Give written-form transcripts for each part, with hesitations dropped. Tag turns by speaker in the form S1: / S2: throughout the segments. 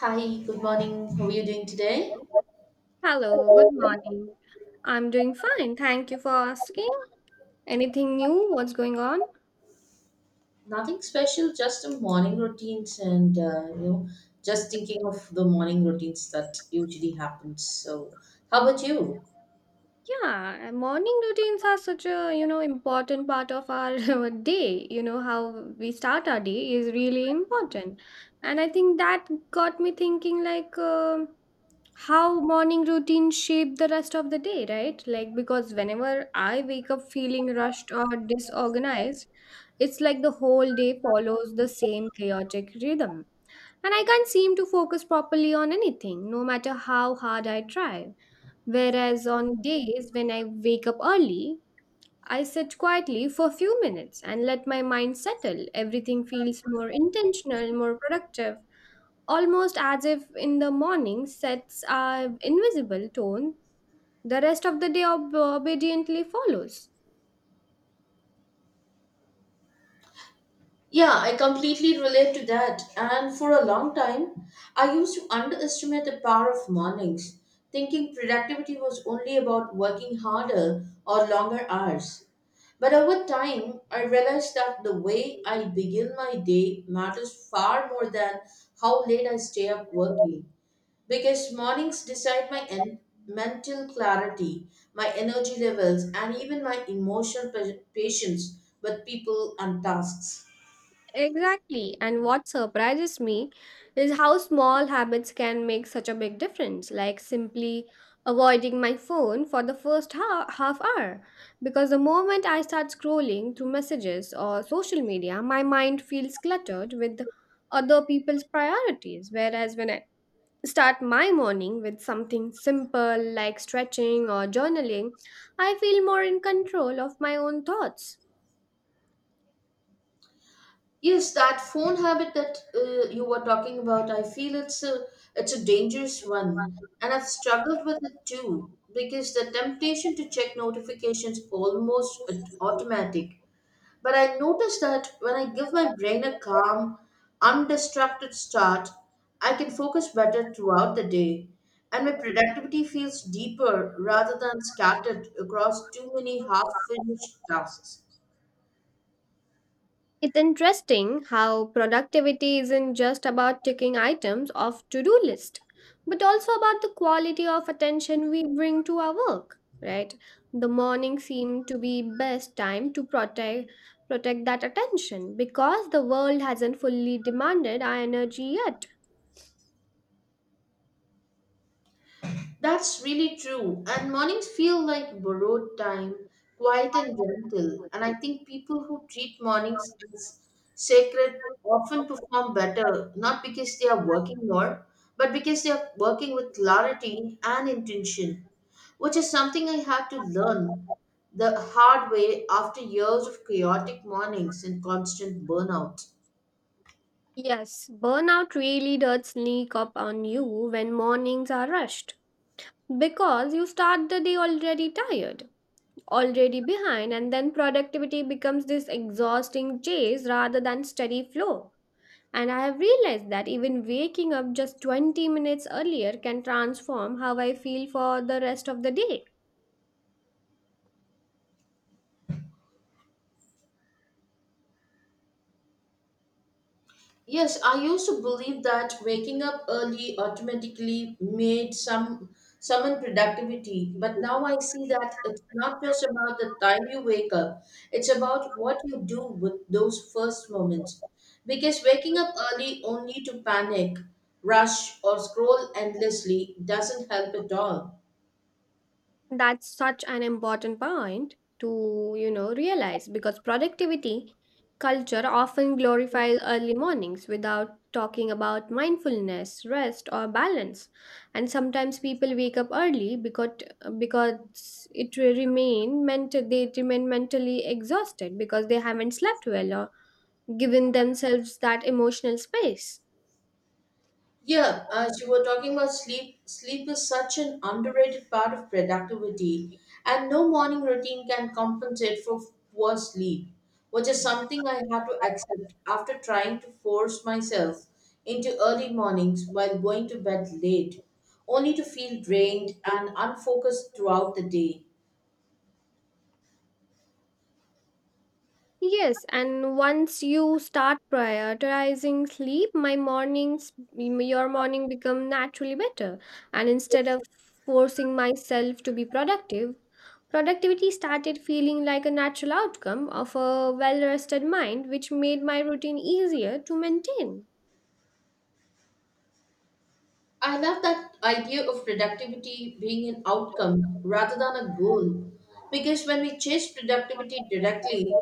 S1: Hi, good morning. How are you doing today?
S2: Hello, good morning. I'm doing fine. Thank you for asking. Anything new? What's going on?
S1: Nothing special, just some morning routines and just thinking of the morning routines that usually happens. So, how about you?
S2: Yeah, morning routines are such a, important part of our our day. You know, how we start our day is really important. And I think that got me thinking like how morning routines shape the rest of the day, right? Like because whenever I wake up feeling rushed or disorganized, it's like the whole day follows the same chaotic rhythm. And I can't seem to focus properly on anything, no matter how hard I try. Whereas on days when I wake up early, I sit quietly for a few minutes and let my mind settle. Everything feels more intentional, more productive, almost as if in the morning sets our invisible tone. The rest of the day obediently follows.
S1: Yeah, I completely relate to that. And for a long time, I used to underestimate the power of mornings, thinking productivity was only about working harder or longer hours. But over time, I realized that the way I begin my day matters far more than how late I stay up working. Because mornings decide my mental clarity, my energy levels, and even my emotional patience with people and tasks.
S2: Exactly. And what surprises me is how small habits can make such a big difference, like simply avoiding my phone for the first half hour. Because the moment I start scrolling through messages or social media, my mind feels cluttered with other people's priorities. Whereas when I start my morning with something simple like stretching or journaling, I feel more in control of my own thoughts.
S1: Yes, that phone habit that you were talking about, I feel it's a
S2: It's a
S1: dangerous
S2: dangerous one.
S1: one, and I've
S2: And I've
S1: struggled with
S2: struggled
S1: it too
S2: too
S1: because the
S2: because my
S1: temptation to check
S2: communication to
S1: notifications
S2: notifications
S1: almost
S2: almost like
S1: automatic.
S2: automatic.
S1: But I notice that when I
S2: When I
S1: give my
S2: notice
S1: brain
S2: that
S1: a
S2: when I get a red
S1: calm,
S2: alert, my
S1: undistracted
S2: distracted
S1: start,
S2: stops.
S1: I can
S2: And
S1: focus
S2: I can focus
S1: better
S2: better
S1: throughout
S2: throughout
S1: the day, and
S2: the day.
S1: my
S2: When the
S1: productivity
S2: priority
S1: feels
S2: feels deeper
S1: deeper
S2: rather
S1: rather than
S2: than spread
S1: scattered across
S2: across
S1: too
S2: too
S1: many
S2: many paths and
S1: half-finished tasks.
S2: choices. It's interesting how productivity isn't just about ticking items off to-do list, but also about the quality of attention we bring to our work, right? The morning seemed to be best time to protect that attention because the world hasn't fully demanded our energy yet.
S1: That's really true. And mornings feel like borrowed time, quiet and gentle. And I think people who treat mornings as sacred often perform better, not because they are working more, but because they are working with clarity and intention, which is something I had to learn the hard way after years of chaotic mornings and constant burnout.
S2: Yes, burnout really does sneak up on you when mornings are rushed because you start the day already tired, already behind, and then productivity becomes this exhausting chase rather than steady flow. And I have realized that even waking up just 20 minutes earlier can transform how I feel for the rest of the day.
S1: Yes, I used to believe that waking up early automatically made some summon productivity, but now I see that it's not just about the time you wake up, it's about what you do with those first moments. Because waking up early only to panic, rush, or scroll endlessly doesn't help at all.
S2: That's such an important point to, realize, because productivity culture often glorifies early mornings without talking about mindfulness, rest or balance. And sometimes people wake up early because it will remain mental they remain mentally exhausted because they haven't slept well or given themselves that emotional space.
S1: Yeah, as you were talking about sleep, sleep is such an underrated part of productivity, and no morning routine can compensate for poor sleep, which is something I had to accept after trying to force myself into early mornings while going to bed late, only to feel drained and unfocused throughout the day.
S2: Yes, and once you start prioritizing sleep, your morning become naturally better. And instead of forcing myself to be productive, productivity started feeling like a natural outcome of a well-rested mind, which made my routine easier to maintain.
S1: I love that idea of productivity being an outcome rather than a goal because when we chase productivity directly,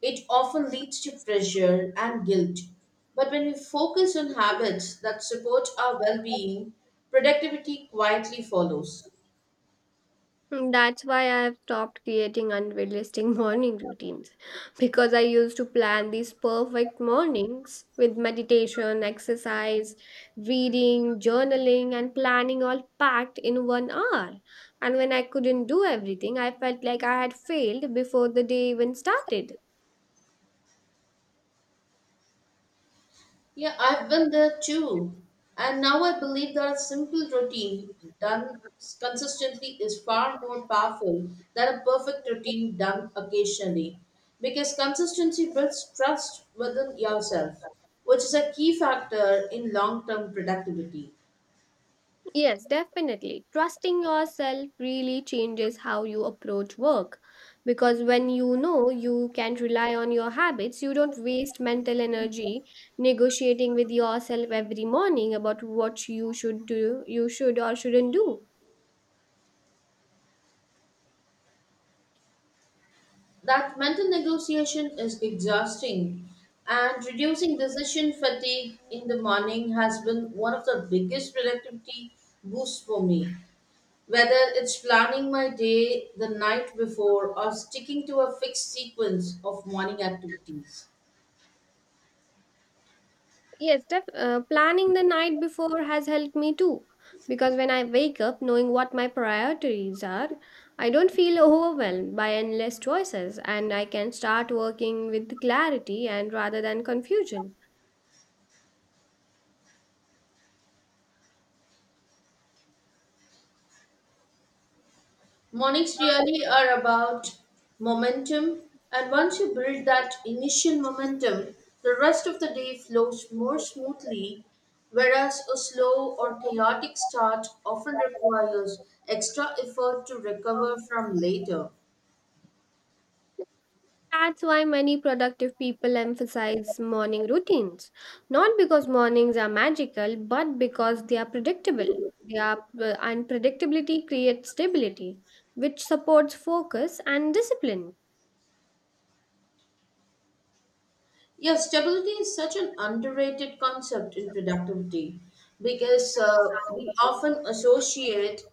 S1: it often leads to pressure and guilt. But when we focus on habits that support our well being, productivity quietly follows.
S2: Mm, that's why I have stopped creating unrealistic morning routines, because I used to plan these perfect mornings with meditation, exercise, reading, journaling, and planning all packed in 1 hour. And when I couldn't do everything, I felt like I had failed before the day even started.
S1: Yeah, I've been there too. And now I believe that a simple routine done consistently is far more powerful than a perfect routine done occasionally. Because consistency builds trust within yourself, which is a key factor in long term productivity.
S2: Yes, definitely. Trusting yourself really changes how you approach work because when you know you can rely on your habits, you don't waste mental energy negotiating with yourself every morning about what you should do, you should or shouldn't do.
S1: That mental negotiation is exhausting, and reducing decision fatigue in the morning has been one of the biggest productivity boosts for me. Whether it's planning my day the night before or sticking to a fixed sequence of morning activities.
S2: Yes, def planning the night before has helped me too. Because when I wake up, knowing what my priorities are, I don't feel overwhelmed by endless choices and I can start working with clarity and rather than confusion.
S1: Mornings really are about momentum, and once you build that initial momentum, the rest of the day flows more smoothly, whereas a slow or chaotic start often requires extra effort to recover from later.
S2: That's why many productive people emphasize morning routines. Not because mornings are magical, but because they are predictable. And predictability creates stability, which supports focus and discipline.
S1: Yeah, stability is such an underrated concept in productivity because uh, we often associate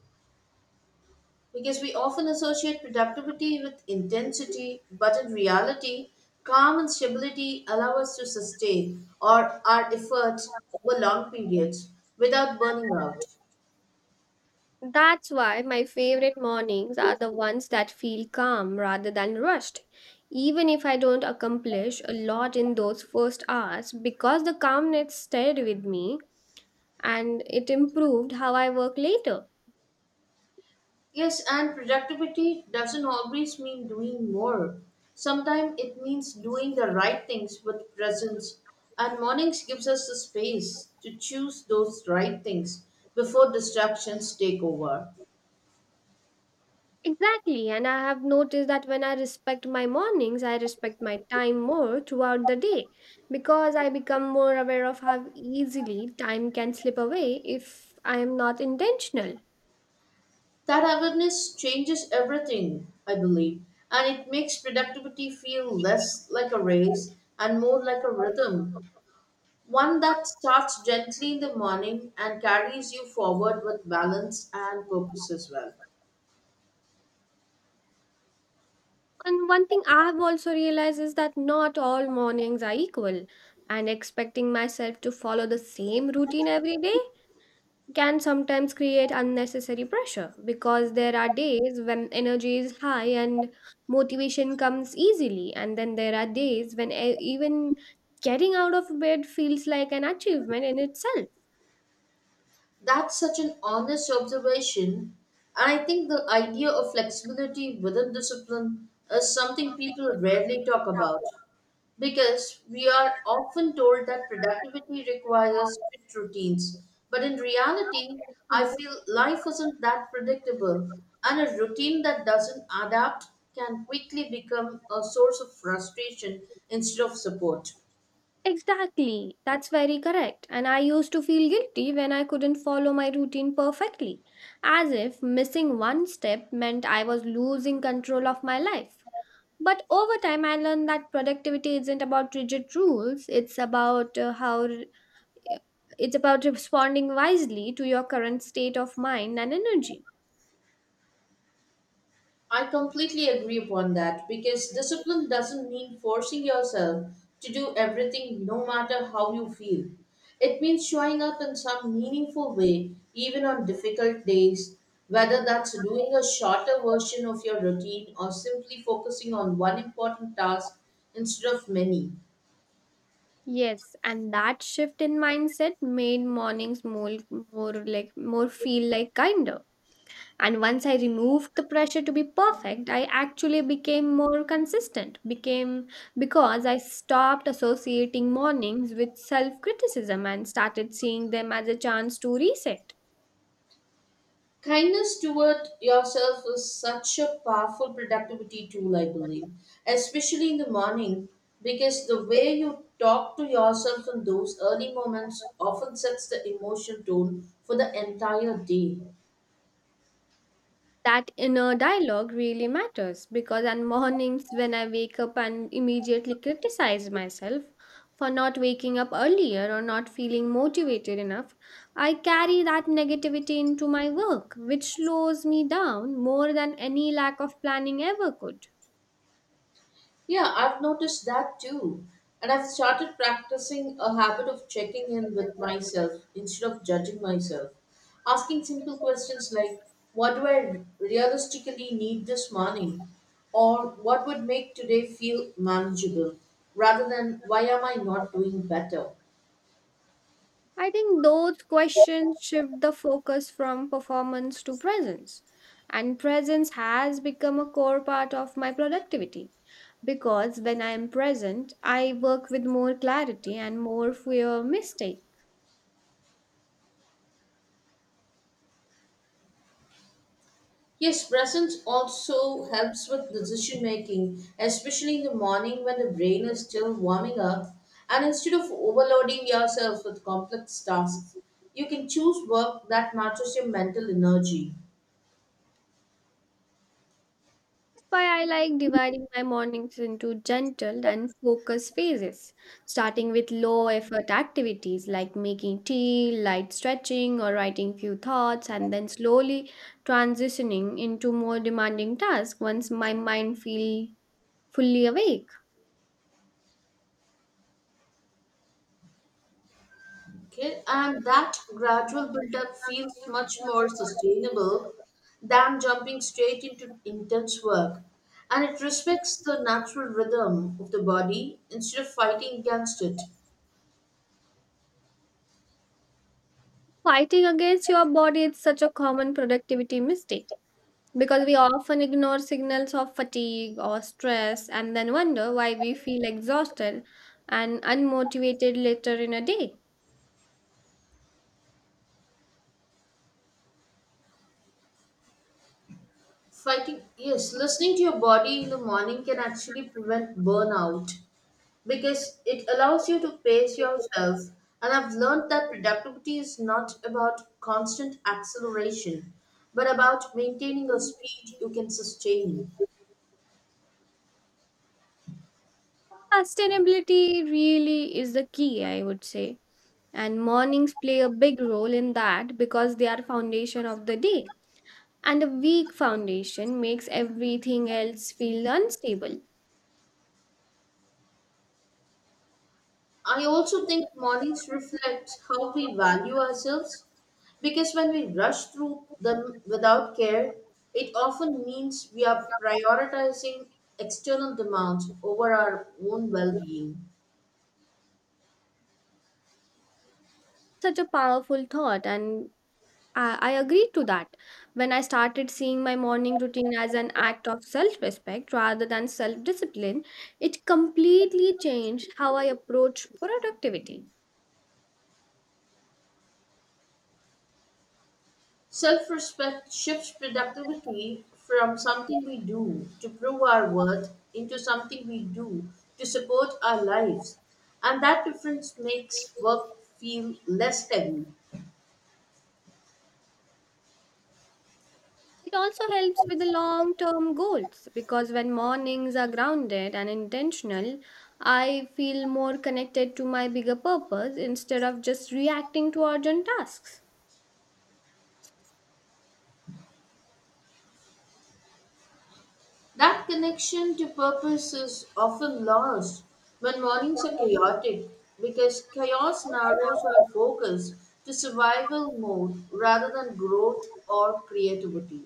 S1: because we often associate productivity with intensity, but in reality, calm and stability allow us to sustain or our efforts over long periods without burning out.
S2: That's why my favorite mornings are the ones that feel calm rather than rushed. Even if I don't accomplish a lot in those first hours, because the calmness stayed with me and it improved how I work later.
S1: Yes, and productivity doesn't always mean doing more. Sometimes it means doing the right things with presence. And mornings gives us the space to choose those right things before distractions take over.
S2: Exactly, and I have noticed that when I respect my mornings, I respect my time more throughout the day because I become more aware of how easily time can slip away if I am not intentional.
S1: That awareness changes everything, I believe, and it makes productivity feel less like a race and more like a rhythm, one that starts gently in the morning and carries you forward with balance and purpose as well.
S2: And one thing I have also realized is that not all mornings are equal, and expecting myself to follow the same routine every day can sometimes create unnecessary pressure, because there are days when energy is high and motivation comes easily, and then there are days when even getting out of bed feels like an achievement in itself.
S1: That's such an honest observation. And I think the idea of flexibility within discipline is something people rarely talk about because we are often told that productivity requires strict routines. But in reality, I feel life isn't that predictable, and a routine that doesn't adapt can quickly become a source of frustration instead of support.
S2: Exactly, that's very correct. And I used to feel guilty when I couldn't follow my routine perfectly, as if missing one step meant I was losing control of my life. But over time, I learned that productivity isn't about rigid rules, it's about how it's about responding wisely to your current state of mind and energy.
S1: I completely agree upon that because discipline doesn't mean forcing yourself to do everything no matter how you feel. It means showing up in some meaningful way, even on difficult days, whether that's doing a shorter version of your routine or simply focusing on one important task instead of many.
S2: Yes, and that shift in mindset made mornings more, more like more feel like kinder. And once I removed the pressure to be perfect, I actually became more consistent, became because I stopped associating mornings with self criticism and started seeing them as a chance to reset.
S1: Kindness toward yourself is such a powerful productivity tool, I believe, especially in the morning, because the way you talk to yourself in those early moments often sets the emotion tone for the entire day.
S2: That inner dialogue really matters because on mornings when I wake up and immediately criticize myself for not waking up earlier or not feeling motivated enough, I carry that negativity into my work, which slows me down more than any lack of planning ever could.
S1: Yeah, I've noticed that too. And I've started practicing a habit of checking in with myself instead of judging myself. Asking simple questions like, "What do I realistically need this morning?" Or "what would make today feel manageable?" Rather than, "Why am I not doing better?"
S2: I think those questions shift the focus from performance to presence. And presence has become a core part of my productivity because when I am present, I work with more clarity and more fewer mistake.
S1: Yes, presence also helps with decision making, especially in the morning when the brain is still warming up. And instead of overloading yourself with complex tasks, you can choose work that matches your mental energy.
S2: Why I like dividing my mornings into gentle and focused phases, starting with low effort activities like making tea, light stretching, or writing few thoughts, and then slowly transitioning into more demanding tasks once my mind feel fully awake.
S1: Okay, and that gradual build up feels much more sustainable than jumping straight into intense work. And it respects the natural rhythm of the body instead of fighting against it.
S2: Fighting against your body is such a common productivity mistake because we often ignore signals of fatigue or stress and then wonder why we feel exhausted and unmotivated later in a day.
S1: Fighting, yes, listening to your body in the morning can actually prevent burnout because it allows you to pace yourself. And I've learned that productivity is not about constant acceleration, but about maintaining a speed you can sustain.
S2: Sustainability really is the key, I would say. And mornings play a big role in that because they are foundation of the day. And a weak foundation makes everything else feel unstable.
S1: I also think mornings reflect how we value ourselves because when we rush through them without care, it often means we are prioritizing external demands over our own well being.
S2: Such a powerful thought, and I agree to that. When I started seeing my morning routine as an act of self respect rather than self discipline, it completely changed how I approach productivity.
S1: Self respect shifts productivity from something we do to prove our worth into something we do to support our lives, and that difference makes work feel less heavy.
S2: It also helps with the long term goals because when mornings are grounded and intentional, I feel more connected to my bigger purpose instead of just reacting to urgent tasks.
S1: That connection to purpose is often lost when mornings are chaotic because chaos narrows our focus to survival mode rather than growth or creativity.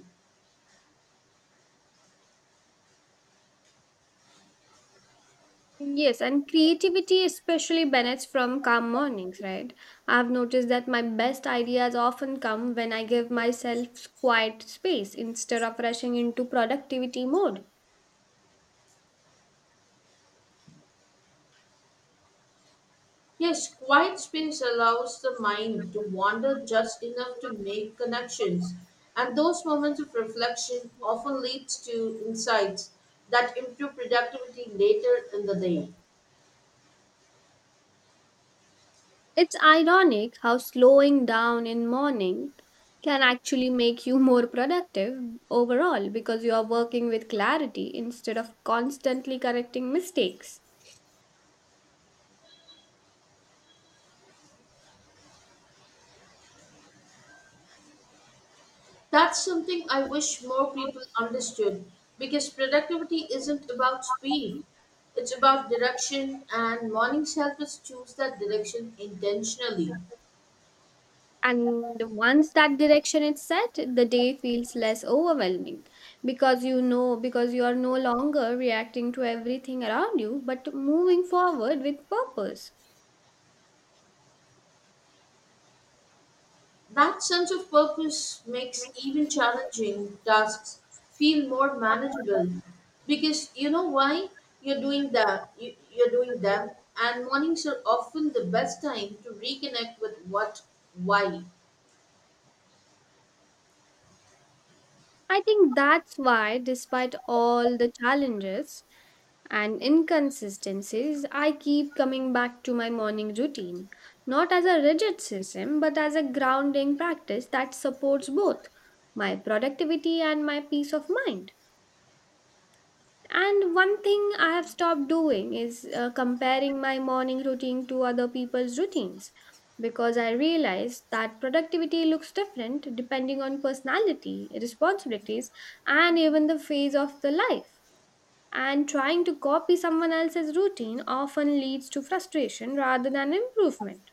S2: Yes, and creativity especially benefits from calm mornings, right? I've noticed that my best ideas often come when I give myself quiet space instead of rushing into productivity mode.
S1: Yes, quiet space allows the mind to wander just enough to make connections, and those moments of reflection often leads to insights that improve productivity later in the day.
S2: It's ironic how slowing down in morning can actually make you more productive overall because you are working with clarity instead of constantly correcting mistakes.
S1: That's something I wish more people understood because productivity isn't about speed. It's about direction, and mornings help us choose that direction intentionally.
S2: And once that direction is set, the day feels less overwhelming because you are no longer reacting to everything around you but moving forward with purpose.
S1: That sense of purpose makes even challenging tasks feel more manageable because you know why you're doing them, and mornings are often the best time to reconnect with what, why.
S2: I think that's why, despite all the challenges and inconsistencies, I keep coming back to my morning routine, not as a rigid system, but as a grounding practice that supports both my productivity and my peace of mind. And one thing I have stopped doing is comparing my morning routine to other people's routines, because I realized that productivity looks different depending on personality, responsibilities, and even the phase of the life. And trying to copy someone else's routine often leads to frustration rather than improvement.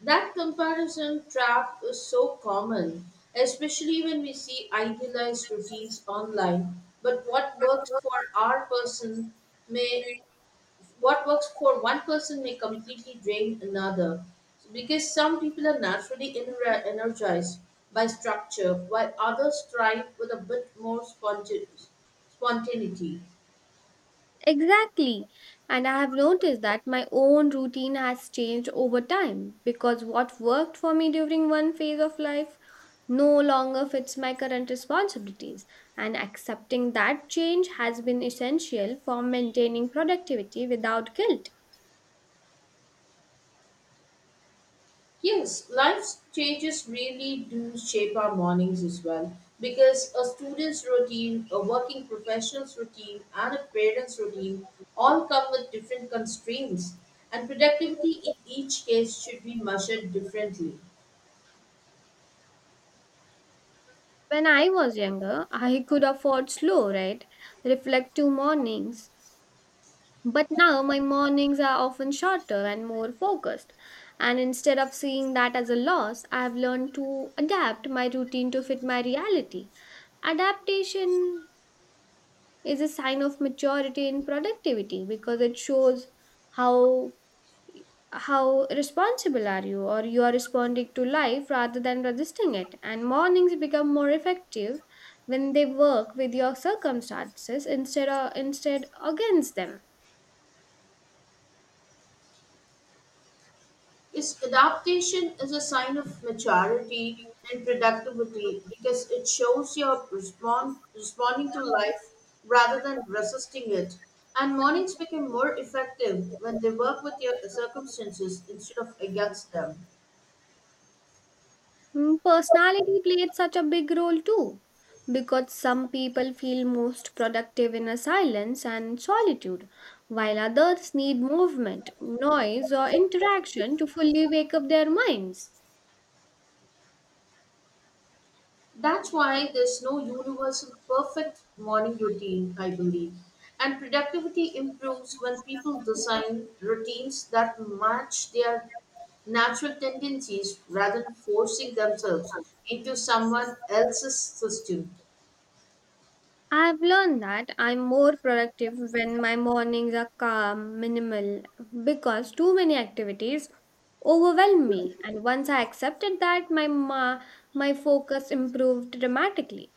S1: That comparison trap is so common, especially when we see idealized routines online. But what works for our person may What works for one person may completely drain another. Because some people are naturally energized by structure, while others thrive with a bit more spontaneity.
S2: Exactly. And I have noticed that my own routine has changed over time because what worked for me during one phase of life no longer fits my current responsibilities. And accepting that change has been essential for maintaining productivity without guilt.
S1: Yes, life changes really do shape our mornings as well because a student's routine, a working professional's routine, and a parent's routine all come with different constraints, and productivity in each case should be measured differently.
S2: When I was younger, I could afford slow, right? Reflective mornings. But now my mornings are often shorter and more focused. And instead of seeing that as a loss, I have learned to adapt my routine to fit my reality. Adaptation is a sign of maturity in productivity because it shows how how responsible are you, or you are responding to life rather than resisting it. And mornings become more effective when they work with your circumstances instead of instead against them.
S1: Is adaptation is a sign of maturity and productivity because it shows responding to life rather than resisting it. And mornings become more effective when they work with your circumstances instead of against them.
S2: Mm, personality played such a big role too, because some people feel most productive in a silence and solitude, while others need movement, noise, or interaction to fully wake up their minds.
S1: That's why there's no universal perfect morning routine, I believe. And productivity improves when people design routines that match their natural tendencies rather than forcing themselves into someone else's system.
S2: I've learned that I'm more productive when my mornings are calm, minimal, because too many activities overwhelm me. And once I accepted that, my focus improved dramatically.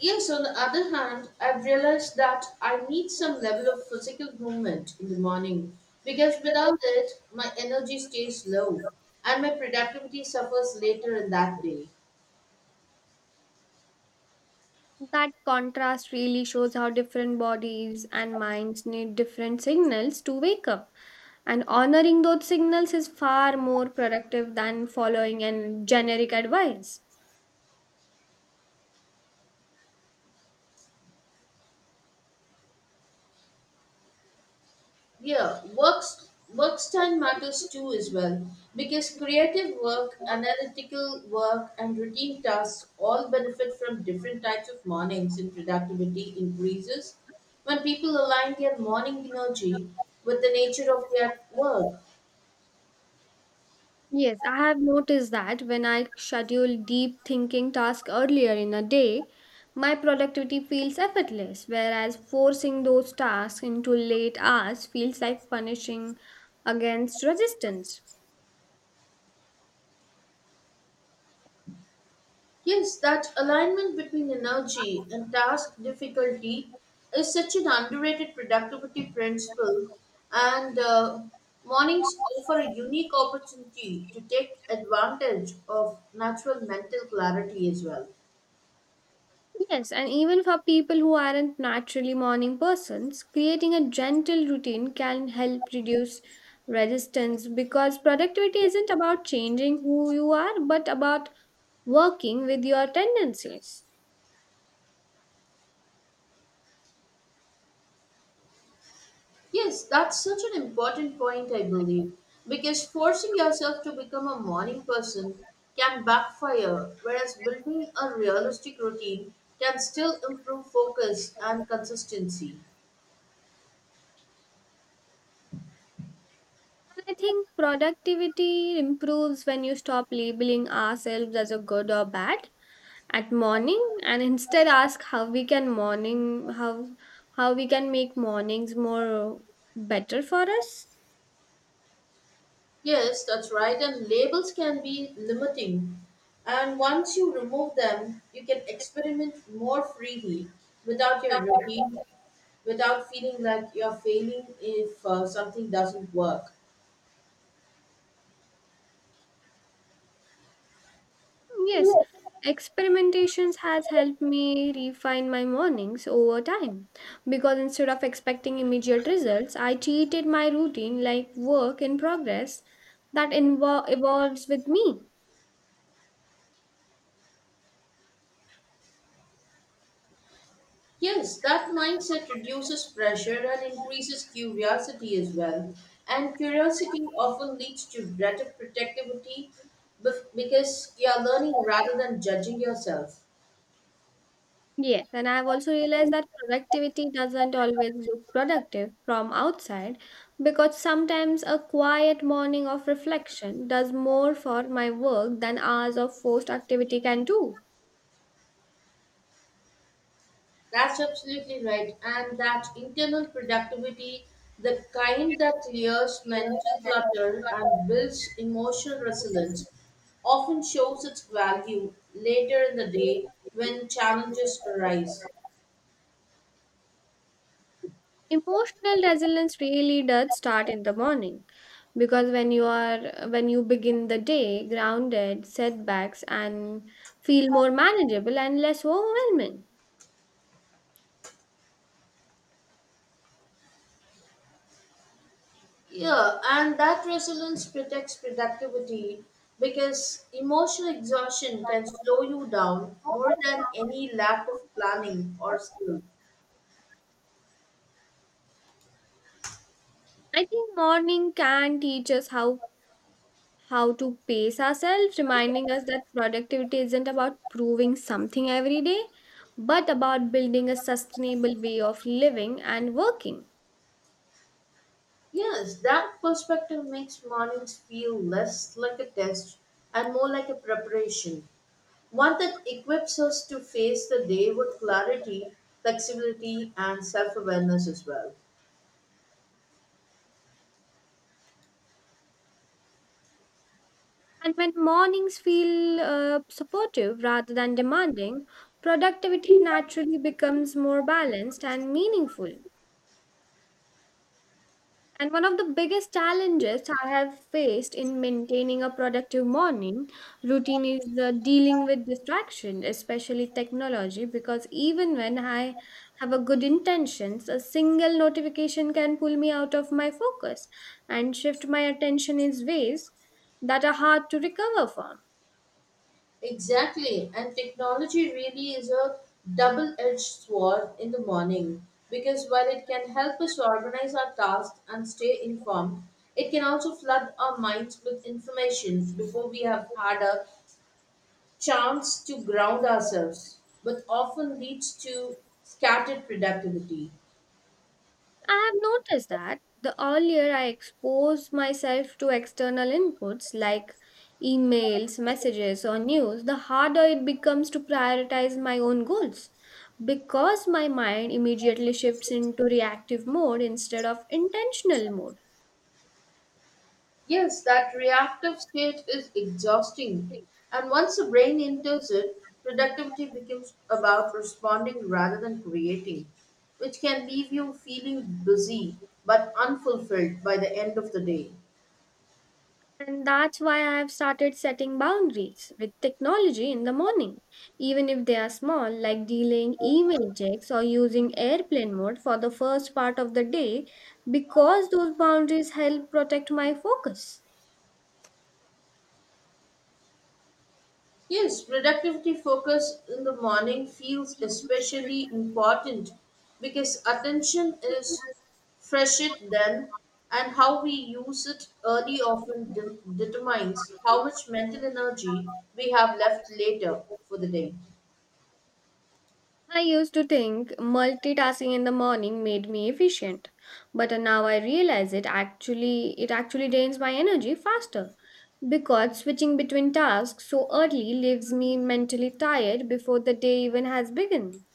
S1: Yes, on the other hand, I've realized that I need some level of physical movement in the morning because without it, my energy stays low and my productivity suffers later in that day.
S2: That contrast really shows how different bodies and minds need different signals to wake up. And honoring those signals is far more productive than following an generic advice.
S1: Yeah, works Work time matters too as well because creative work, analytical work, and routine tasks all benefit from different types of mornings, and productivity increases when people align their morning energy with the nature of their work.
S2: Yes, I have noticed that when I schedule deep thinking tasks earlier in a day, my productivity feels effortless, whereas forcing those tasks into late hours feels like punishing against resistance.
S1: Yes, that alignment between energy and task difficulty is such an underrated productivity principle, and mornings offer a unique opportunity to take advantage of natural mental clarity as well.
S2: Yes, and even for people who aren't naturally morning persons, creating a gentle routine can help reduce resistance because productivity isn't about changing who you are, but about working with your tendencies.
S1: Yes, that's such an important point, I believe, because forcing yourself to become a morning person can backfire, whereas building a realistic routine can still improve focus and consistency.
S2: And I think productivity improves when you stop labeling ourselves as a good or bad at morning and instead ask how we can make mornings more better for us.
S1: Yes, that's right. And labels can be limiting. And once you remove them, you can experiment more freely without your routine, without feeling like you're failing if something doesn't work.
S2: Yes, experimentations has helped me refine my mornings over time, because instead of expecting immediate results, I treated my routine like work in progress that evolves with me.
S1: Yes, that mindset reduces pressure and increases curiosity as well. And curiosity often leads to better protectivity because you're learning rather than judging yourself.
S2: Yes, and I've also realized that productivity doesn't always look productive from outside because sometimes a quiet morning of reflection does more for my work than hours of forced activity can do.
S1: That's absolutely right. And that internal productivity, the kind that clears mental clutter and builds emotional resilience, often shows its value later in the day when challenges arise.
S2: Emotional resilience really does start in the morning because when you begin the day grounded, setbacks and feel more manageable and less overwhelming.
S1: Yeah, and that resilience protects productivity because emotional exhaustion can slow you down more than any lack of planning or skill.
S2: I think morning can teach us how to pace ourselves, reminding us that productivity isn't about proving something every day, but about building a sustainable way of living and working.
S1: Yes, that perspective makes mornings feel less like a test and more like a preparation, one that equips us to face the day with clarity, flexibility, and self awareness as well.
S2: And when mornings feel supportive rather than demanding, productivity naturally becomes more balanced and meaningful. And one of the biggest challenges I have faced in maintaining a productive morning routine is the dealing with distraction, especially technology, because even when I have a good intentions, a single notification can pull me out of my focus and shift my attention in ways that are hard to recover from.
S1: Exactly, and technology really is a double edged sword in the morning because while it can help us organize our tasks and stay informed, it can also flood our minds with information before we have had a chance to ground ourselves, but often leads to scattered productivity.
S2: I have noticed that the earlier I expose myself to external inputs like emails, messages, or news, the harder it becomes to prioritize my own goals because my mind immediately shifts into reactive mode instead of intentional mode.
S1: Yes, that reactive state is exhausting. And once the brain enters it, productivity becomes about responding rather than creating, which can leave you feeling busy but unfulfilled by the end of the day.
S2: And that's why I have started setting boundaries with technology in the morning, even if they are small, like delaying email checks or using airplane mode for the first part of the day, because those boundaries help protect my focus.
S1: Yes, productivity focus in the morning feels especially important because attention is fresh then, and how we use it early often determines how much mental energy we have left later for the day.
S2: I used to think multitasking in the morning made me efficient, but now I realize it actually drains my energy faster because switching between tasks so early leaves me mentally tired before the day even has begun.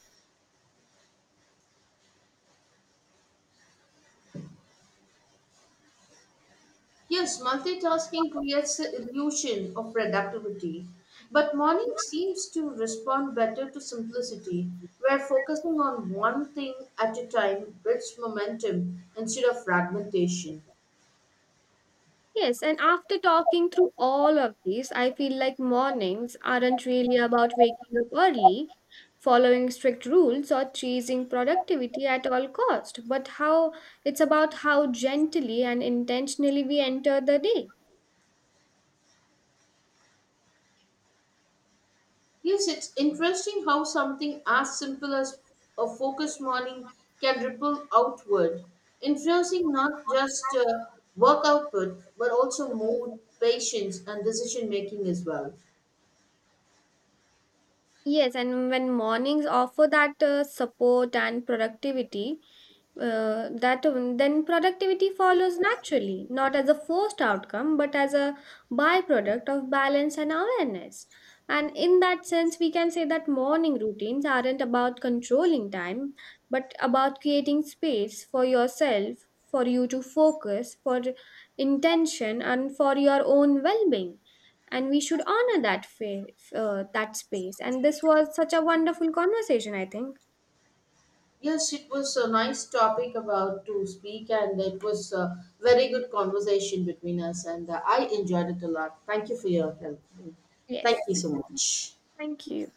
S1: Yes, multitasking creates the illusion of productivity, but morning seems to respond better to simplicity, where focusing on one thing at a time builds momentum instead of fragmentation.
S2: Yes, and after talking through all of these, I feel like mornings aren't really about waking up early, following strict rules, or chasing productivity at all cost, but how it's about how gently and intentionally we enter the day.
S1: Yes, it's interesting how something as simple as a focused morning can ripple outward, influencing not just work output but also mood, patience, and decision making as well.
S2: Yes, and when mornings offer that support and productivity, that then productivity follows naturally, not as a forced outcome, but as a byproduct of balance and awareness. And in that sense, we can say that morning routines aren't about controlling time, but about creating space for yourself, for you to focus, for intention, and for your own well being. And we should honor that space. And this was such a wonderful conversation, I think.
S1: Yes, it was a nice topic about to speak, and it was a very good conversation between us, and I enjoyed it a lot. Thank you for your help. Thank
S2: Yes.
S1: you so much.
S2: Thank you.